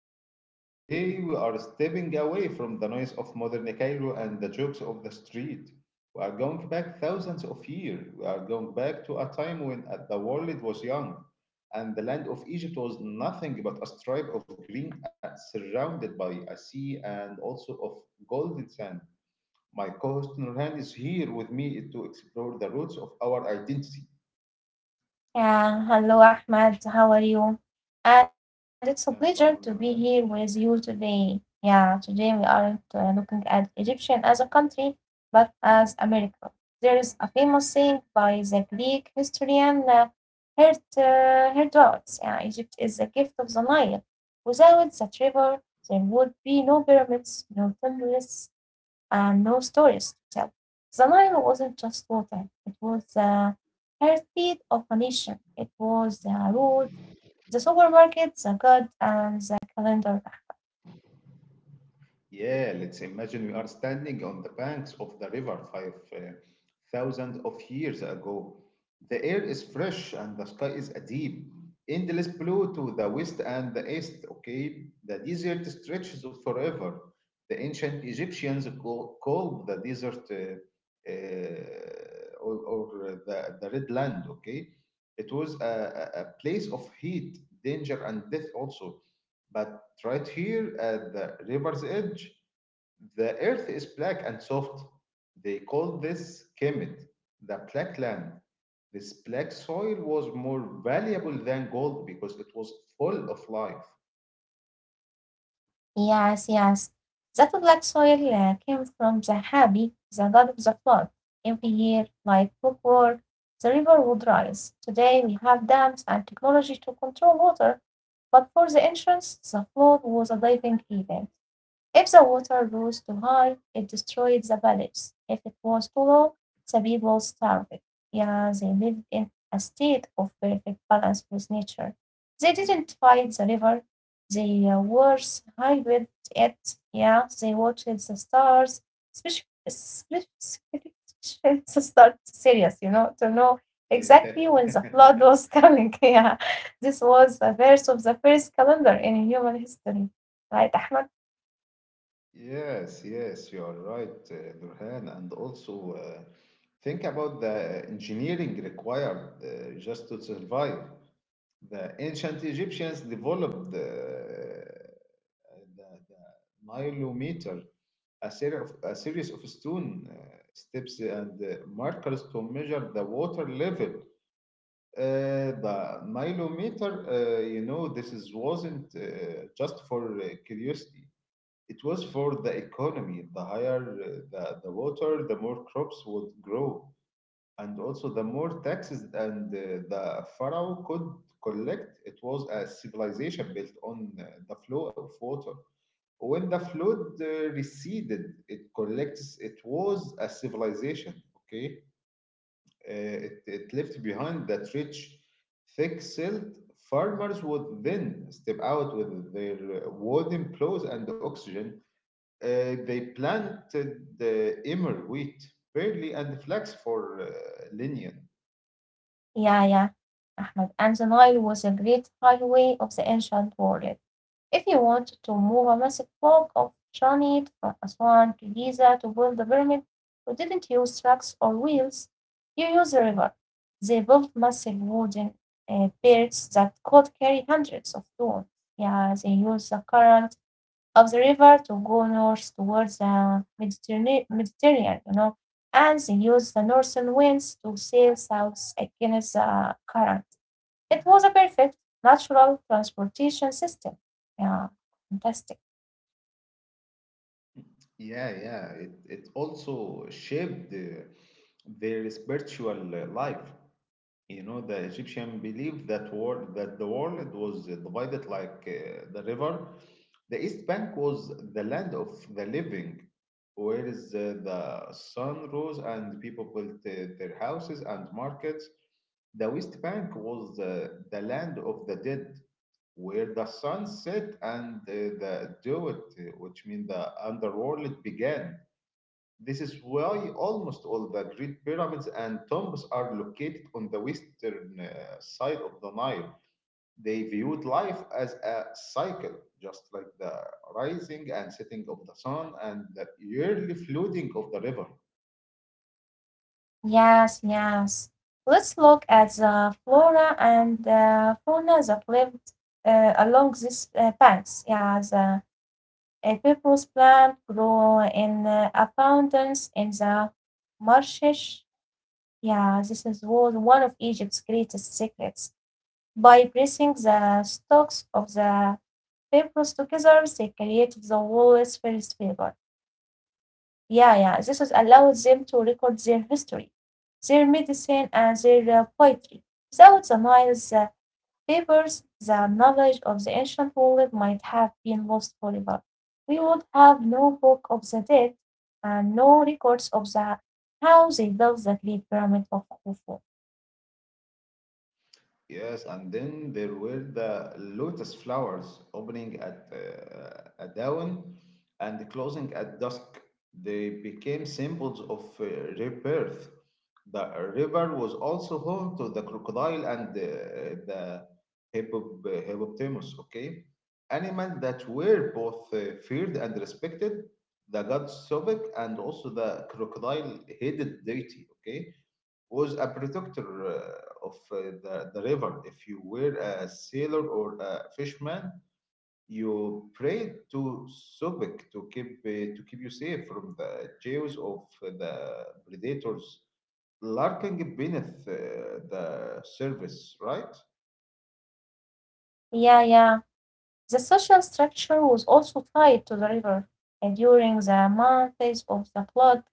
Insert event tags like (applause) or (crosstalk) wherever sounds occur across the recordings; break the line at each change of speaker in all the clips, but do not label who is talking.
program. Today we are stepping away from the noise of modern Cairo and the jokes of the street. We are going back thousands of years. We are going back to a time when the world was young, and the land of Egypt was nothing but a stripe of green, surrounded by a sea and also of golden sand. My co-host Nurhan is here with me to explore the roots of our identity.
Yeah, hello Ahmad, how are you? And it's a
I'm
pleasure
fine,
to be
Nurhan.
here with you today. Yeah, today we aren't looking at Egyptian as a country, but as a miracle. There is a famous saying by the Greek historian Herodotus. Yeah, Egypt is a gift of the Nile. Without that river, there would be no pyramids, no temples, and no stories to tell. The Nile wasn't just water, it was the heartbeat of a nation. It was the road, the supermarket, the god, and the calendar.
Yeah, let's imagine we are standing on the banks of the river five thousand of years ago. The air is fresh and the sky is a deep, endless blue to the west and the east. Okay, the desert stretches forever. The ancient Egyptians called the desert, uh, or the red land. Okay, it was a place of heat, danger, and death also. But right here at the river's edge, the earth is black and soft. They call this Kemet, the black land. This black soil was more valuable than gold because it was full of life.
Yes, yes. That black soil came from the Habi, the god of the flood. Every year, like clockwork, the river would rise. Today, we have dams and technology to control water, but for the ancients, the flood was a living event. If the water rose too high, it destroyed the village; if it was too low, the people starved. Yeah, they lived in a state of perfect balance with nature. They didn't fight the river, they worshipped it. Yeah, they watched the stars, especially (laughs) the start serious, to know
Yeah.
exactly when the flood
(laughs)
was coming. (laughs) Yeah, this was the verse of the first calendar in human history. Right, Ahmed?
Yes, yes, you are right, Nurhan. And also, think about the engineering required, just to survive. The ancient Egyptians developed, the nilometer, a series of stone steps and markers to measure the water level. The nilometer, you know, this wasn't just for curiosity. It was for the economy. The higher the water, the more crops would grow, and also the more taxes, and the pharaoh could collect. It was a civilization built on the flow of water. When the flood receded, it collects, it was a civilization, okay? Uh, it left behind that rich, thick silt. Farmers would then step out with their wooden plows and oxygen. They planted the emmer wheat, barley, and flax for linen.
Yeah, yeah. Ahmed, and the Nile was a great highway of the ancient world. If you wanted to move a massive block of granite from Aswan to Giza to build the pyramid, you didn't use trucks or wheels, you used the river. They built massive wooden boats that could carry hundreds of tons. Yeah, they used the current of the river to go north towards the Mediterranean, and they used the northern winds to sail south against the current. It was a perfect natural transportation system. Yeah, fantastic.
Yeah, yeah. It also shaped their spiritual life. You know, the Egyptian believed that war that the world was divided like the river. The East Bank was the land of the living, where is the sun rose and people built their houses and markets. The West Bank was the land of the dead, where the sun set and the Jowet, which means the underworld, began. This is why almost all the great pyramids and tombs are located on the western side of the Nile. They viewed life as a cycle, just like the rising and setting of the sun and the yearly flooding of the river.
Yes, yes. Let's look at the flora and fauna that lived along these banks. Yeah, the papyrus plant grew in abundance in the marshes. Yeah, this is was one of Egypt's greatest secrets. By pressing the stalks of the papyrus together, they created the world's first paper. Yeah, yeah, this has allowed them to record their history, their medicine, and their poetry. Without the Nile's papers, the knowledge of the ancient world might have been lost forever. We would have no book of the dead and no records of the how they built the Great Pyramid of Khufu.
Yes, and then there were the lotus flowers opening at dawn and closing at dusk. They became symbols of rebirth. The river was also home to the crocodile and hippo- hippopotamus, okay? Animals that were both feared and respected. The god Sobek, and also the crocodile-headed deity, okay, was a protector the river. If you were a sailor or a fisherman, you prayed to Sobek to keep you safe from the jaws of the predators lurking beneath the surface, right?
Yeah, yeah. The social structure was also tied to the river, and during the months of the flood,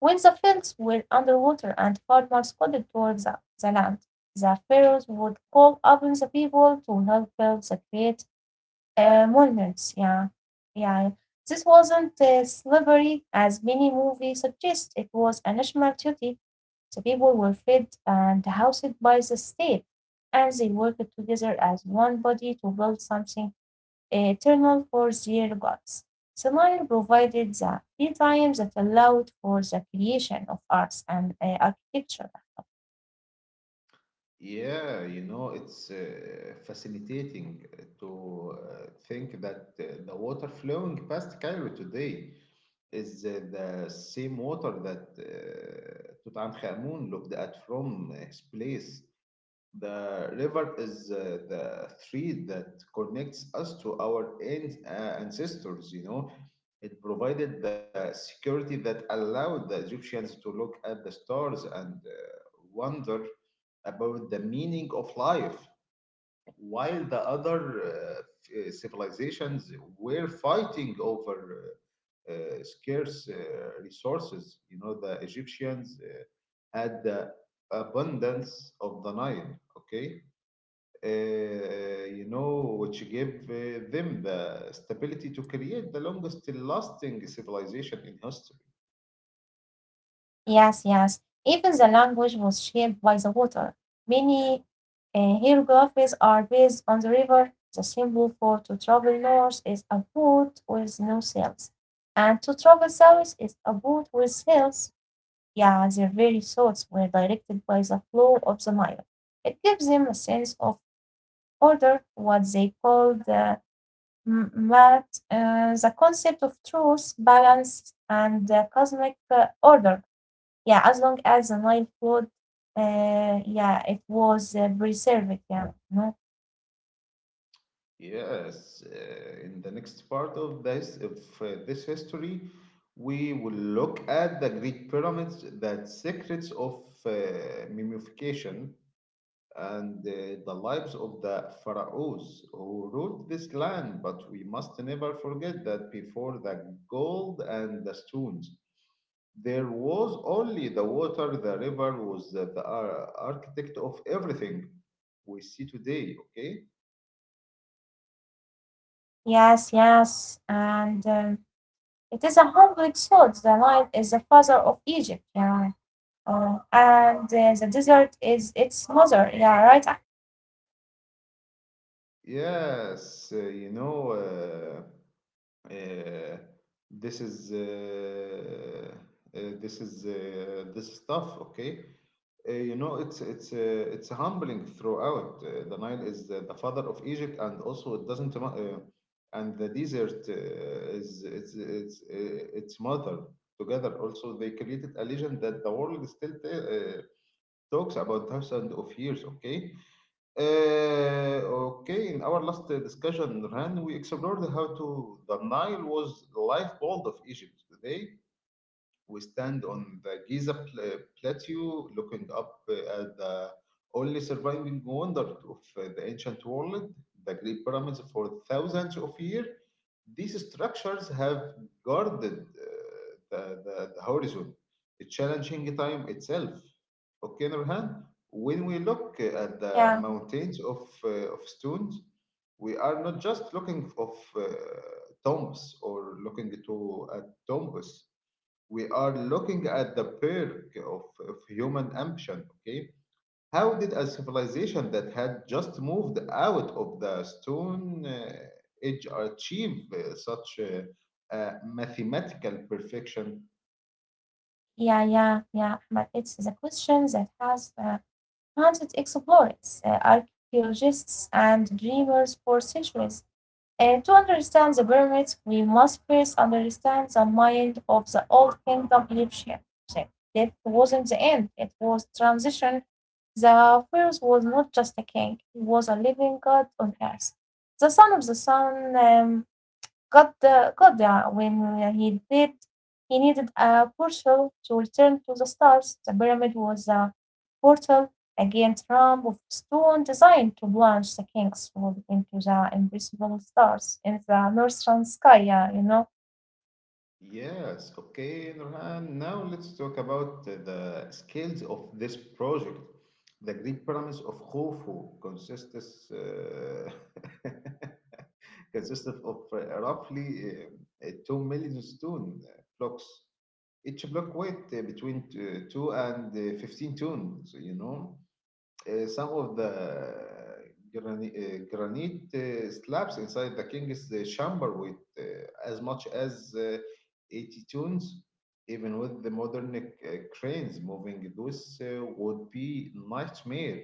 when the fields were under water and farmers couldn't work the land, the pharaohs would call upon the people to help build the great monuments. Yeah, yeah. This wasn't slavery as many movies suggest, it was a national duty. The people were fed and housed by the state, and they worked together as one body to build something eternal fourth their gods. Smile provided the free time that allowed for the creation of arts and architecture.
Yeah, you know, it's fascinating to think that the water flowing past Cairo today is the same water that Tutankhamun looked at from his place. The river is the thread that connects us to our ancestors, you know. It provided the security that allowed the Egyptians to look at the stars and wonder about the meaning of life, while the other civilizations were fighting over scarce resources. You know, the Egyptians had the abundance of the Nile, okay? You know, which gave them the stability to create the longest lasting civilization in history.
Yes, yes. Even the language was shaped by the water. Many hieroglyphs are based on the river. The symbol for to travel north is a boat with no sails, and to travel south is a boat with sails. Yeah, their very thoughts were directed by the flow of the Nile. It gives them a sense of order, what they call the math, the concept of truth, balance, and cosmic order. Yeah, as long as the Nile flood, yeah, it was preserved. Yeah, no?
Yes, in the next part of this history, we will look at the Great Pyramids, the secrets of mummification, and the lives of the pharaohs who ruled this land. But we must never forget that before the gold and the stones, there was only the water. The river was the architect of everything we see today, okay?
Yes, yes, and it is a complex thought. The Nile is the father of Egypt. Yeah, and the desert is its mother. Yeah, right. Ah,
Yes, you know, uh, uh, this is this is this stuff, okay? You know, it's humbling throughout. The Nile is the father of Egypt, and also it doesn't. And the desert is it's its mother. Together, also they created a legend that the world still talks about thousands of years. Okay. Uh, okay, in our last discussion, Ran, we explored how to the Nile was the lifeblood of Egypt. Today, we stand on the Giza plateau, looking up at the only surviving wonder of the ancient world, the Great Pyramids, for thousands of years. These structures have guarded uh, the horizon, challenging time itself. Okay, Nurhan, when we look at the
yeah,
mountains of stones, we are not just looking of tombs, or looking to at tombs. We are looking at the perk of human ambition, okay? How did a civilization that had just moved out of the stone age achieve such mathematical perfection?
yeah, yeah, yeah. But it's the question that has hunted explorers, archaeologists, and dreamers for centuries. To understand the pyramids, we must first understand the mind of the Old Kingdom Egyptian. So death wasn't the end, it was transition. The pharaoh was not just a king, he was a living god on earth. The son of the sun, God, God! Goda, when he did, he needed a portal to return to the stars. The pyramid was a portal, a giant ramp of stone designed to launch the king's world into the invisible stars in the northern sky, yeah.
Yes, okay, Nurhan, now let's talk about the skills of this project. The Greek pyramids of Khufu consists (laughs) consists of roughly 2 million stone blocks. Each block weight between 2 and 15 tons, you know. Some of the granite slabs inside the king's chamber weight as much as 80 tons. Even with the modern cranes moving, those would be nightmare.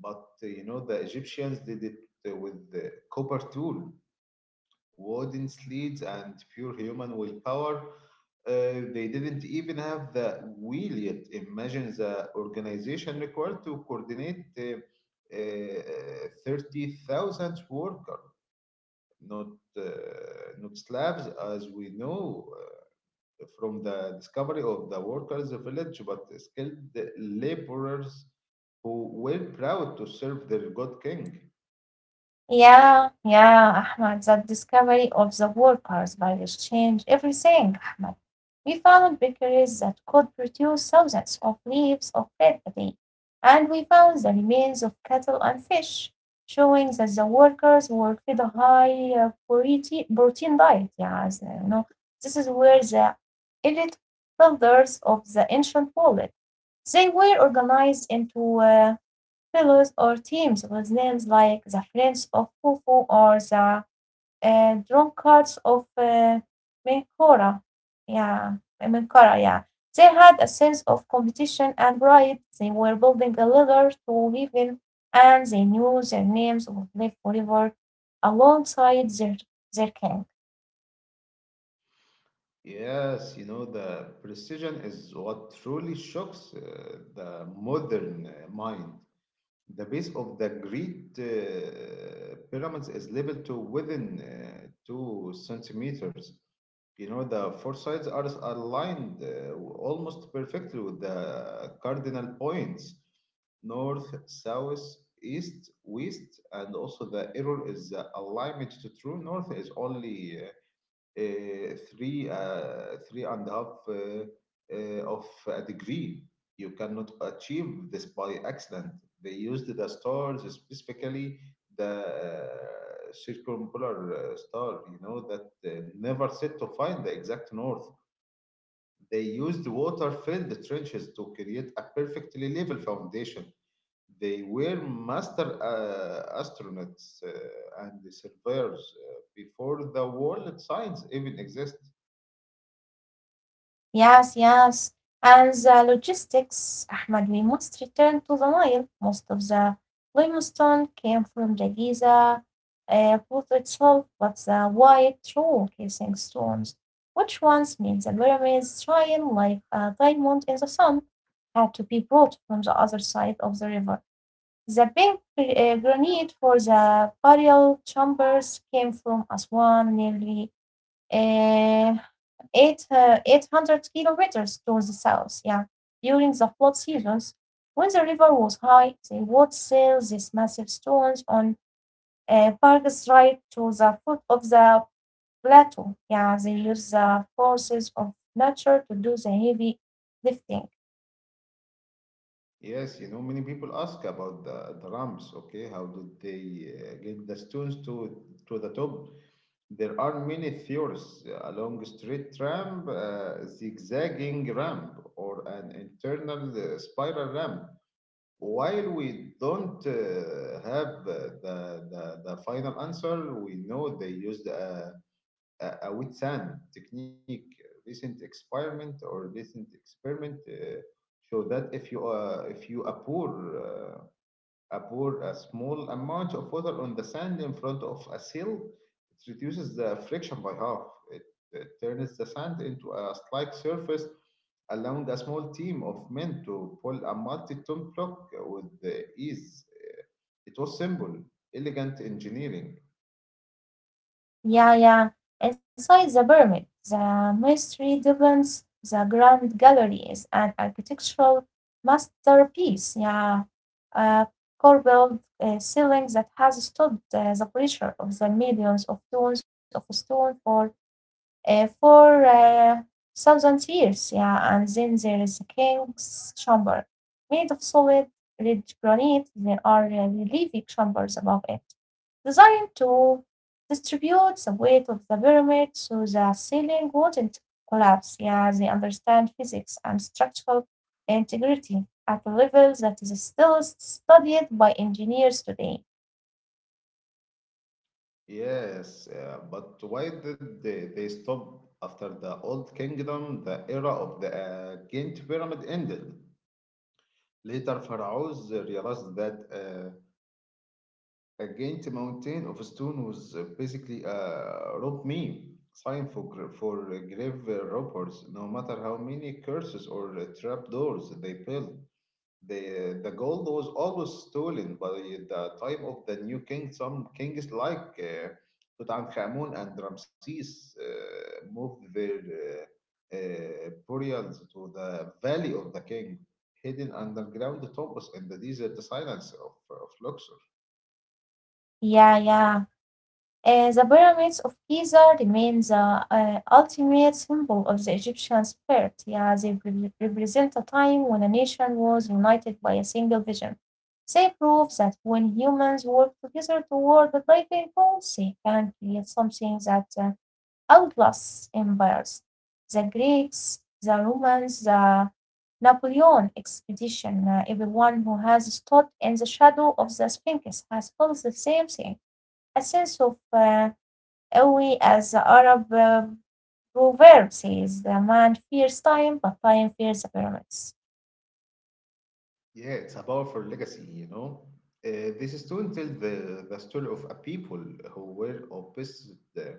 But you know, the Egyptians did it with the copper tool, wooden sleds, and pure human willpower. They didn't even have the wheel yet. Imagine the organization required to coordinate 30,000 workers, not, uh, not slabs as we know from the discovery of the workers' village, but skilled laborers who were proud to serve their god king.
Yeah, yeah, Ahmad. That discovery of the workers' values changed everything, Ahmad. We found bakeries that could produce thousands of leaves of bread a day, and we found the remains of cattle and fish, showing that the workers were fed a high protein diet. Yeah, as you know, this is where the elite builders of the ancient world they were organized into Fellows or teams with names like the Friends of Fufu or the Drunkards of Menkora. Yeah, Menkora, yeah. They had a sense of competition and pride. They were building a ladder to heaven, and they knew their names would live forever alongside their king.
Yes, you know, the precision is what truly shocks the modern mind. The base of the Great pyramids is levelled to within two centimeters. You know, the four sides are aligned almost perfectly with the cardinal points: north, south, east, west, and also the error is alignment to true north is only three and a half of a degree. You cannot achieve this by accident. They used the stars, specifically the circumpolar star. You know that never set, to find the exact north. They used water-filled trenches to create a perfectly level foundation. They were master astronauts and surveyors before the world science even exists.
Yes, yes. And the logistics, Ahmed, we must return to the Nile. Most of the limestone came from the Giza port itself, but the white true casing stones, which once made the pyramids shine like a diamond in the sun, had to be brought from the other side of the river. The pink granite for the burial chambers came from Aswan nearly uh, 800 kilometers to the south. Yeah, during the flood seasons, when the river was high, they would sail these massive stones on parks right to the foot of the plateau. Yeah, they use the forces of nature to do the heavy lifting.
Yes, you know, many people ask about the ramps, okay? How did they get the stones to the top? There are many theories. A long straight ramp, a zigzagging ramp, or an internal spiral ramp. While we don't have the final answer, we know they used a wet sand technique. Recent experiment, or recent experiment, show that if you uh, pour a small amount of water on the sand in front of a sill, it reduces the friction by half. It, it turns the sand into a slick surface, allowing a small team of men to pull a multi-ton block with the ease. It was simple, elegant engineering.
Yeah, yeah. Inside the pyramid, the mystery deepens. The Grand Gallery is an architectural masterpiece. Yeah, a corbelled ceiling that has stood the pressure of the millions of tons of stone for uh, for uh, thousands years. Yeah, and then there is the king's chamber, made of solid red granite. There are relief chambers above it. Designed to distribute the weight of the pyramid so the ceiling wouldn't collapse. Yeah, they understand physics and structural integrity at a level that is still studied by engineers today.
Yes, but why did they stop after the Old Kingdom? The era of the Ghent Pyramid ended. Later, pharaohs realized that a Ghent mountain of stone was basically a rope meme, sign for, for grave robbers, no matter how many curses or trapdoors they built. The gold was always stolen by the time of the new king. Some kings like Tutankhamun and Ramses moved their burials to the Valley of the King, hidden underground tombs in the desert silence of Luxor.
Yeah, yeah. The pyramids of Giza remain the ultimate symbol of the Egyptian spirit. Yeah, they represent a time when a nation was united by a single vision. They prove that when humans work together toward a living goal, they can create something that outlasts empires. The Greeks, the Romans, the Napoleon expedition, everyone who has stood in the shadow of the Sphinx has felt the same thing, a sense of قوي as the Arab proverb says, the man fears time, but time fears the pyramids.
Yeah, it's a powerful legacy, you know. This stone tells the story of a people who were obsessed,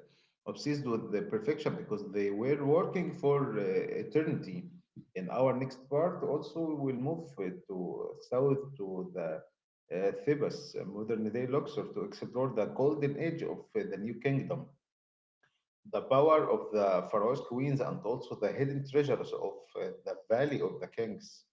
obsessed with the perfection because they were working for eternity. In our next part, also, we will move to south to the Thebes, modern day Luxor, to explore the golden age of the new kingdom, the power of the pharaoh's queens, and also the hidden treasures of the Valley of the Kings.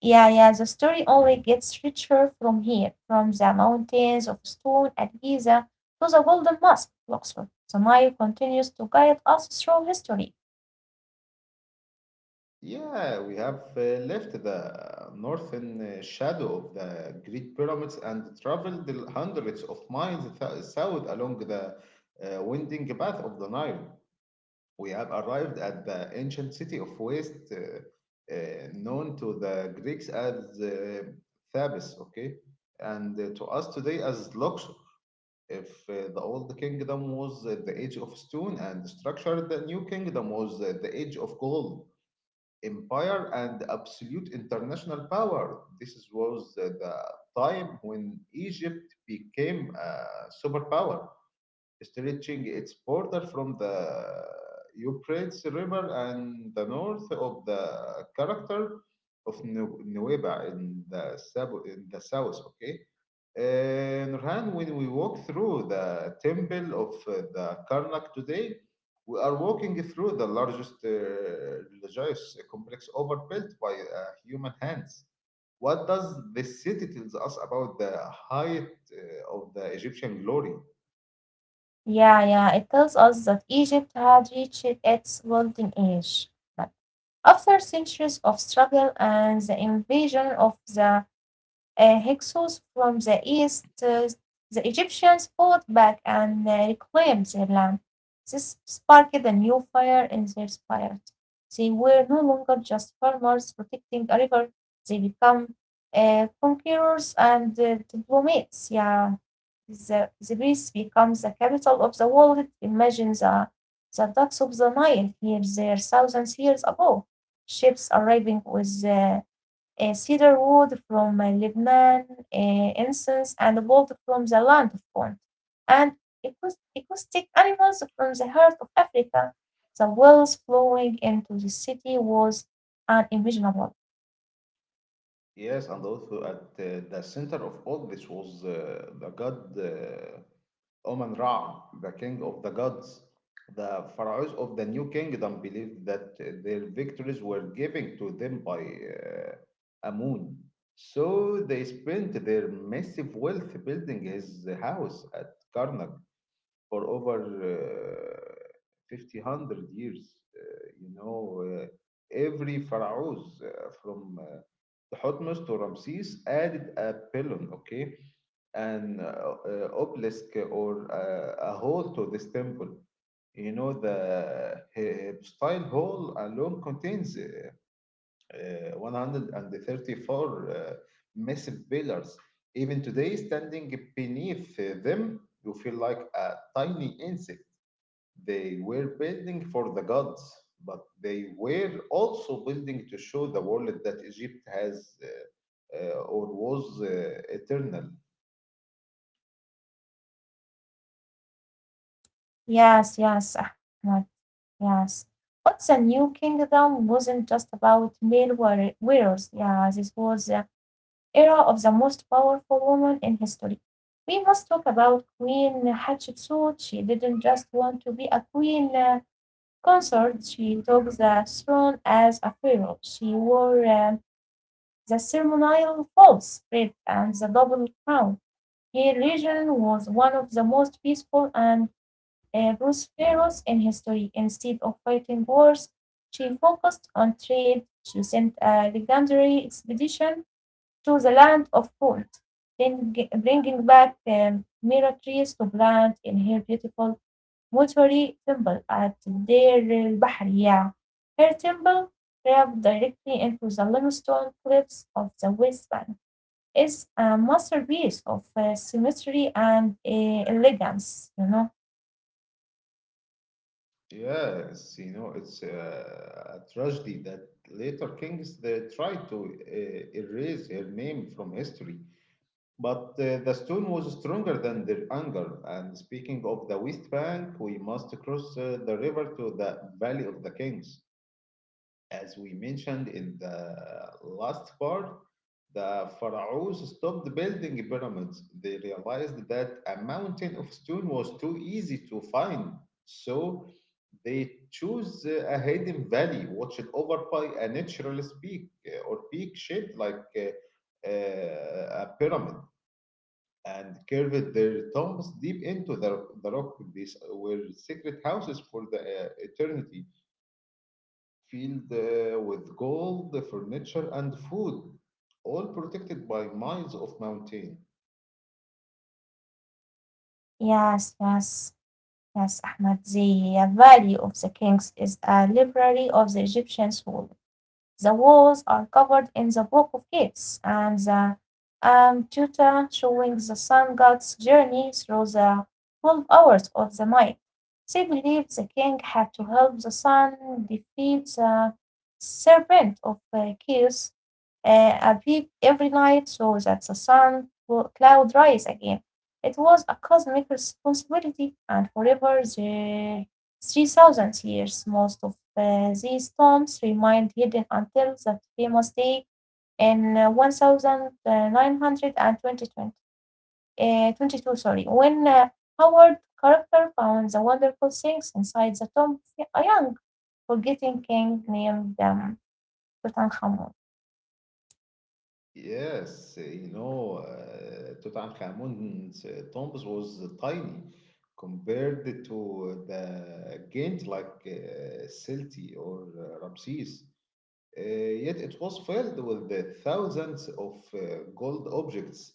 Yeah, yeah, the story only gets richer from here, from the mountains of stone at Giza to the Golden Mosque, at Luxor. The Nile continues to guide us through history.
Yeah, we have left the northern shadow of the Great Pyramids and traveled the hundreds of miles south along the winding path of the Nile. We have arrived at the ancient city of Waste, known to the Greeks as Thebes, okay, and to us today as Luxor. If the old kingdom was at the age of stone and structure, the new kingdom was at the age of gold, empire, and absolute international power. This was the time when Egypt became a superpower, stretching its border from the Euphrates River and the north of the character of Nueva in the, in the south. Okay, Nurhan, when we walk through the temple of the Karnak today, we are walking through the largest religious complex ever built by human hands. What does this city tells us about the height of the Egyptian glory?
Yeah, yeah, it tells us that Egypt had reached its golden age. But after centuries of struggle and the invasion of the Hyksos from the east, the Egyptians fought back and reclaimed their land. This sparked a new fire in their spirit. They were no longer just farmers protecting a river, they become conquerors and diplomats. Yeah, the Greece becomes the capital of the world. Imagine the docks of the Nile here, there, thousands years ago. Ships arriving with cedar wood from Lebanon, uh, incense and gold from the land of Punt, and acoustic animals from the heart of Africa. The wells flowing into the city was unimaginable.
Yes, and also at the center of all this was the god. Oman Ra, the king of the gods. The pharaohs of the new kingdom believed that their victories were given to them by Amun. So they spent their massive wealth building his house at Karnak for over uh, 50 hundred years. Uh, you know, uh, every pharaohs from Thutmose to Ramses added a pylon, okay? An obelisk or a hall to this temple. You know, the style hall alone contains 134 massive pillars. Even today, standing beneath them, you feel like a tiny insect. They were building for the gods, but they were also building to show the world that Egypt has or was eternal.
Yes, yes, Ahmad, yes. But the new kingdom wasn't just about wearers. Yeah, this was era of the most powerful woman in history. We must talk about Queen Hatshepsut. She didn't just want to be a queen consort, she took the throne as a pharaoh. She wore the ceremonial false wreath and the double crown. Her region was one of the most peaceful and prosperous in history. Instead of fighting wars, she focused on trade. She sent a legendary expedition to the land of Punt, then bringing back Mira trees to plant in her beautiful Muturi temple at Deir el Bahriya. Her temple, carved directly into the limestone cliffs of the West Bank, is a masterpiece of symmetry and elegance.
Yes, you know, it's a tragedy that later kings they tried to erase her name from history. But the stone was stronger than their anger. And speaking of the West Bank, we must cross the river to the Valley of the Kings. As we mentioned in the last part, the pharaohs stopped building pyramids. They realized that a mountain of stone was too easy to find, so they chose a hidden valley watched over by a natural peak or peak shaped like a pyramid, and curved their tombs deep into the rock. These were secret houses for the eternity, filled with gold, furniture, and food, all protected by miles of mountain.
Yes, yes, yes, Ahmad. The value of the kings is a library of the Egyptian soul. The walls are covered in the Book of Gates and the Antuta, showing the sun god's journey through the 12 hours of the night. They believed the king had to help the sun defeat the serpent of chaos a peep every night so that the sun cloud rise again. It was a cosmic responsibility, and forever the 3,000 years, most of these tombs remained hidden until that famous day in 1920, 22, sorry, when Howard character found the wonderful things inside the tomb of a young, forgetting king named Tutankhamun.
Yes, Tutankhamun's tombs was tiny compared to the giant like Silti or Ramses. Uh, yet it was filled with the thousands of gold objects.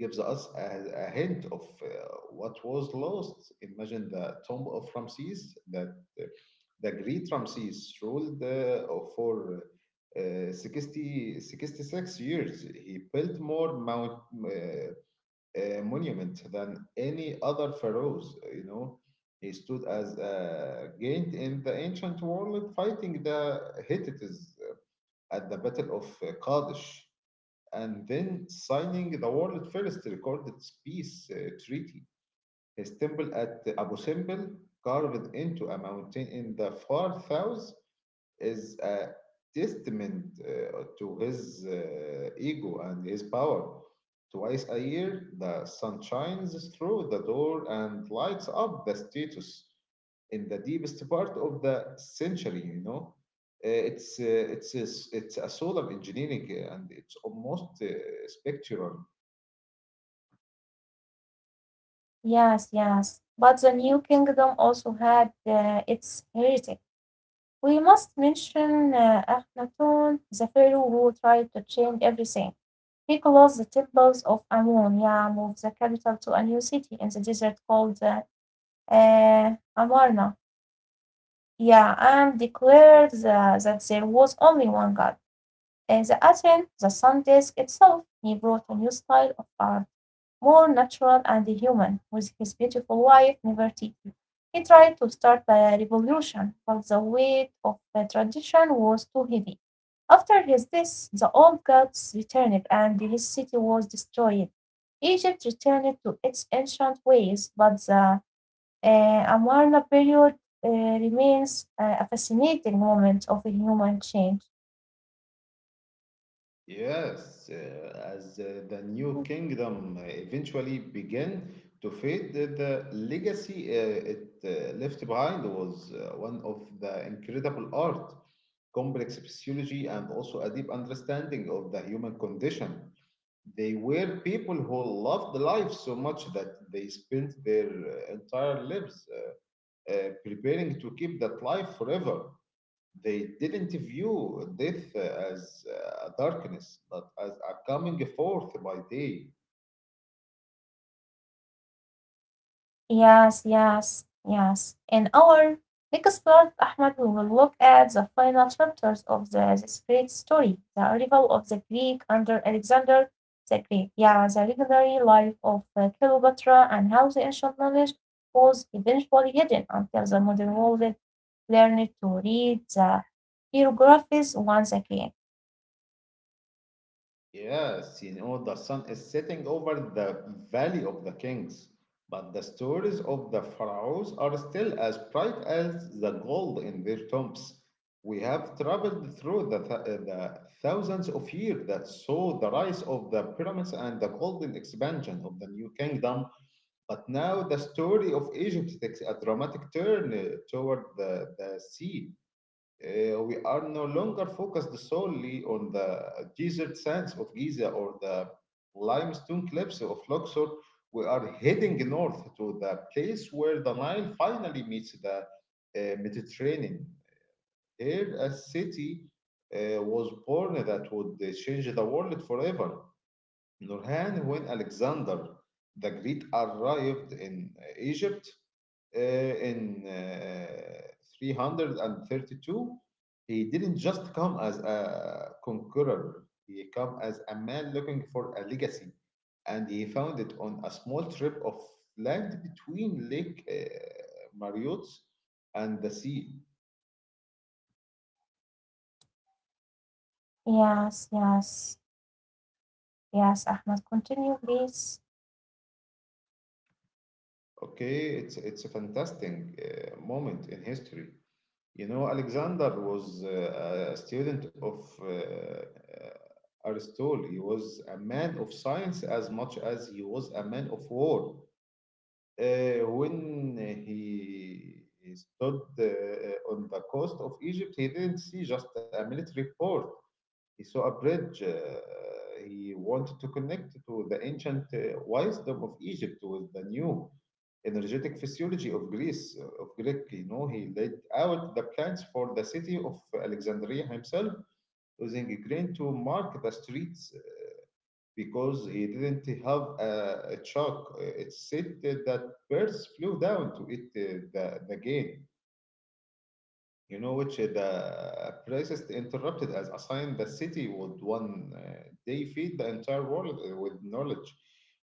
Gives us a hint of what was lost. Imagine the tomb of Ramses, that uh, the great Ramses ruled for 60, 66 years. He built more monument than any other pharaohs. You know, he stood as a giant in the ancient world, fighting the Hittites at the Battle of Kadesh, and then signing the world's first recorded peace treaty. His temple at Abu Simbel, carved into a mountain in the far south, is a testament to his ego and his power. Twice a year, the sun shines through the door and lights up the status in the deepest part of the century. It's a solar engineering, and it's almost spectral.
Yes, yes. But the new kingdom also had its heretic. We must mention Akhenaten, the pharaoh who tried to change everything. He closed the temples of Amun, yeah, moved the capital to a new city in the desert called Amarna, yeah, and declared that there was only one god. The Aten, the sun disk itself, he brought a new style of art. More natural and human, with his beautiful wife Nefertiti. He tried to start the revolution, but the weight of the tradition was too heavy. After his death the old gods returned and his city was destroyed. Egypt returned to its ancient ways, but the uh, Amarna period remains a fascinating moment of human change.
Yes, as the new kingdom eventually began to fade, the legacy it left behind was one of the incredible art, complex physiology, and also a deep understanding of the human condition. They were people who loved life so much that they spent their entire lives preparing to keep that life forever. They didn't view death as a darkness, but as a coming forth by day.
Yes, yes, yes. In our next part, Ahmed, we will look at the final chapters of this great story, the arrival of the Greek under Alexander the Great. Yeah, the legendary life of Cleopatra and how the ancient knowledge was eventually hidden until the modern world learned to read the hieroglyphs once again.
Yes, you know, the sun is setting over the Valley of the Kings, but the stories of the pharaohs are still as bright as the gold in their tombs. We have traveled through the thousands of years that saw the rise of the pyramids and the golden expansion of the new kingdom. But now the story of Egypt takes a dramatic turn toward the sea. We are no longer focused solely on the desert sands of Giza or the limestone cliffs of Luxor. We are heading north to the place where the Nile finally meets the Mediterranean. Here, a city was born that would change the world forever. Nurhan, when Alexander the Great arrived in Egypt in 332, he didn't just come as a conqueror. He came as a man looking for a legacy, and he found it on a small strip of land between Lake Mariot's and the sea.
Yes, yes, yes, Ahmed, continue, please.
Okay, it's a fantastic moment in history. You know, Alexander was a student of Aristotle. He was a man of science as much as he was a man of war. When he stood on the coast of Egypt, he didn't see just a military port. He saw a bridge. He wanted to connect to the ancient wisdom of Egypt with the new energetic physiology of Greece, of Greek. You know, he laid out the plans for the city of Alexandria himself, using a grain to mark the streets, because he didn't have a chalk. It's said that birds flew down to eat the grain, you know, which the priest interrupted as a sign the city would one day feed the entire world with knowledge.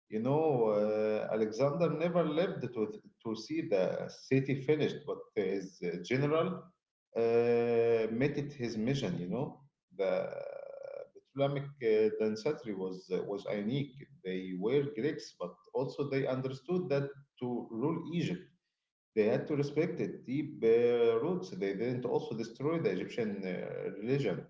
You know, Alexander never lived to see the city finished, but his general made it his mission. You know, the Ptolemaic density was unique. They were Greeks, but also they understood that to rule Egypt they had to respect it deep roots. They didn't also destroy the Egyptian religion.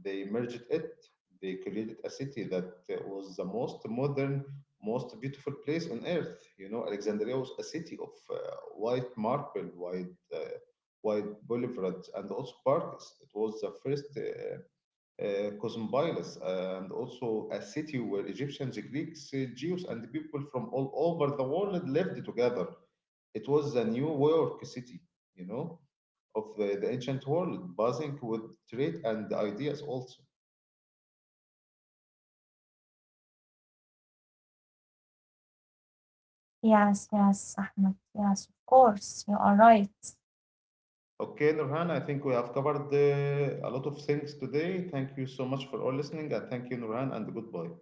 They merged it. They created a city that was the most modern, most beautiful place on earth. You know, Alexandria was a city of white marble, white boulevards, and also parks. It was the first Cosmopolis, and also a city where Egyptians, Greeks, Jews, and people from all over the world lived together. It was the new York City, you know, of the ancient world, buzzing with trade and ideas also.
Yes, yes, Ahmed, yes, of course, you are right.
Okay, Nurhan, I think we have covered a lot of things today. Thank you so much for all listening, and thank you, Nurhan, and goodbye.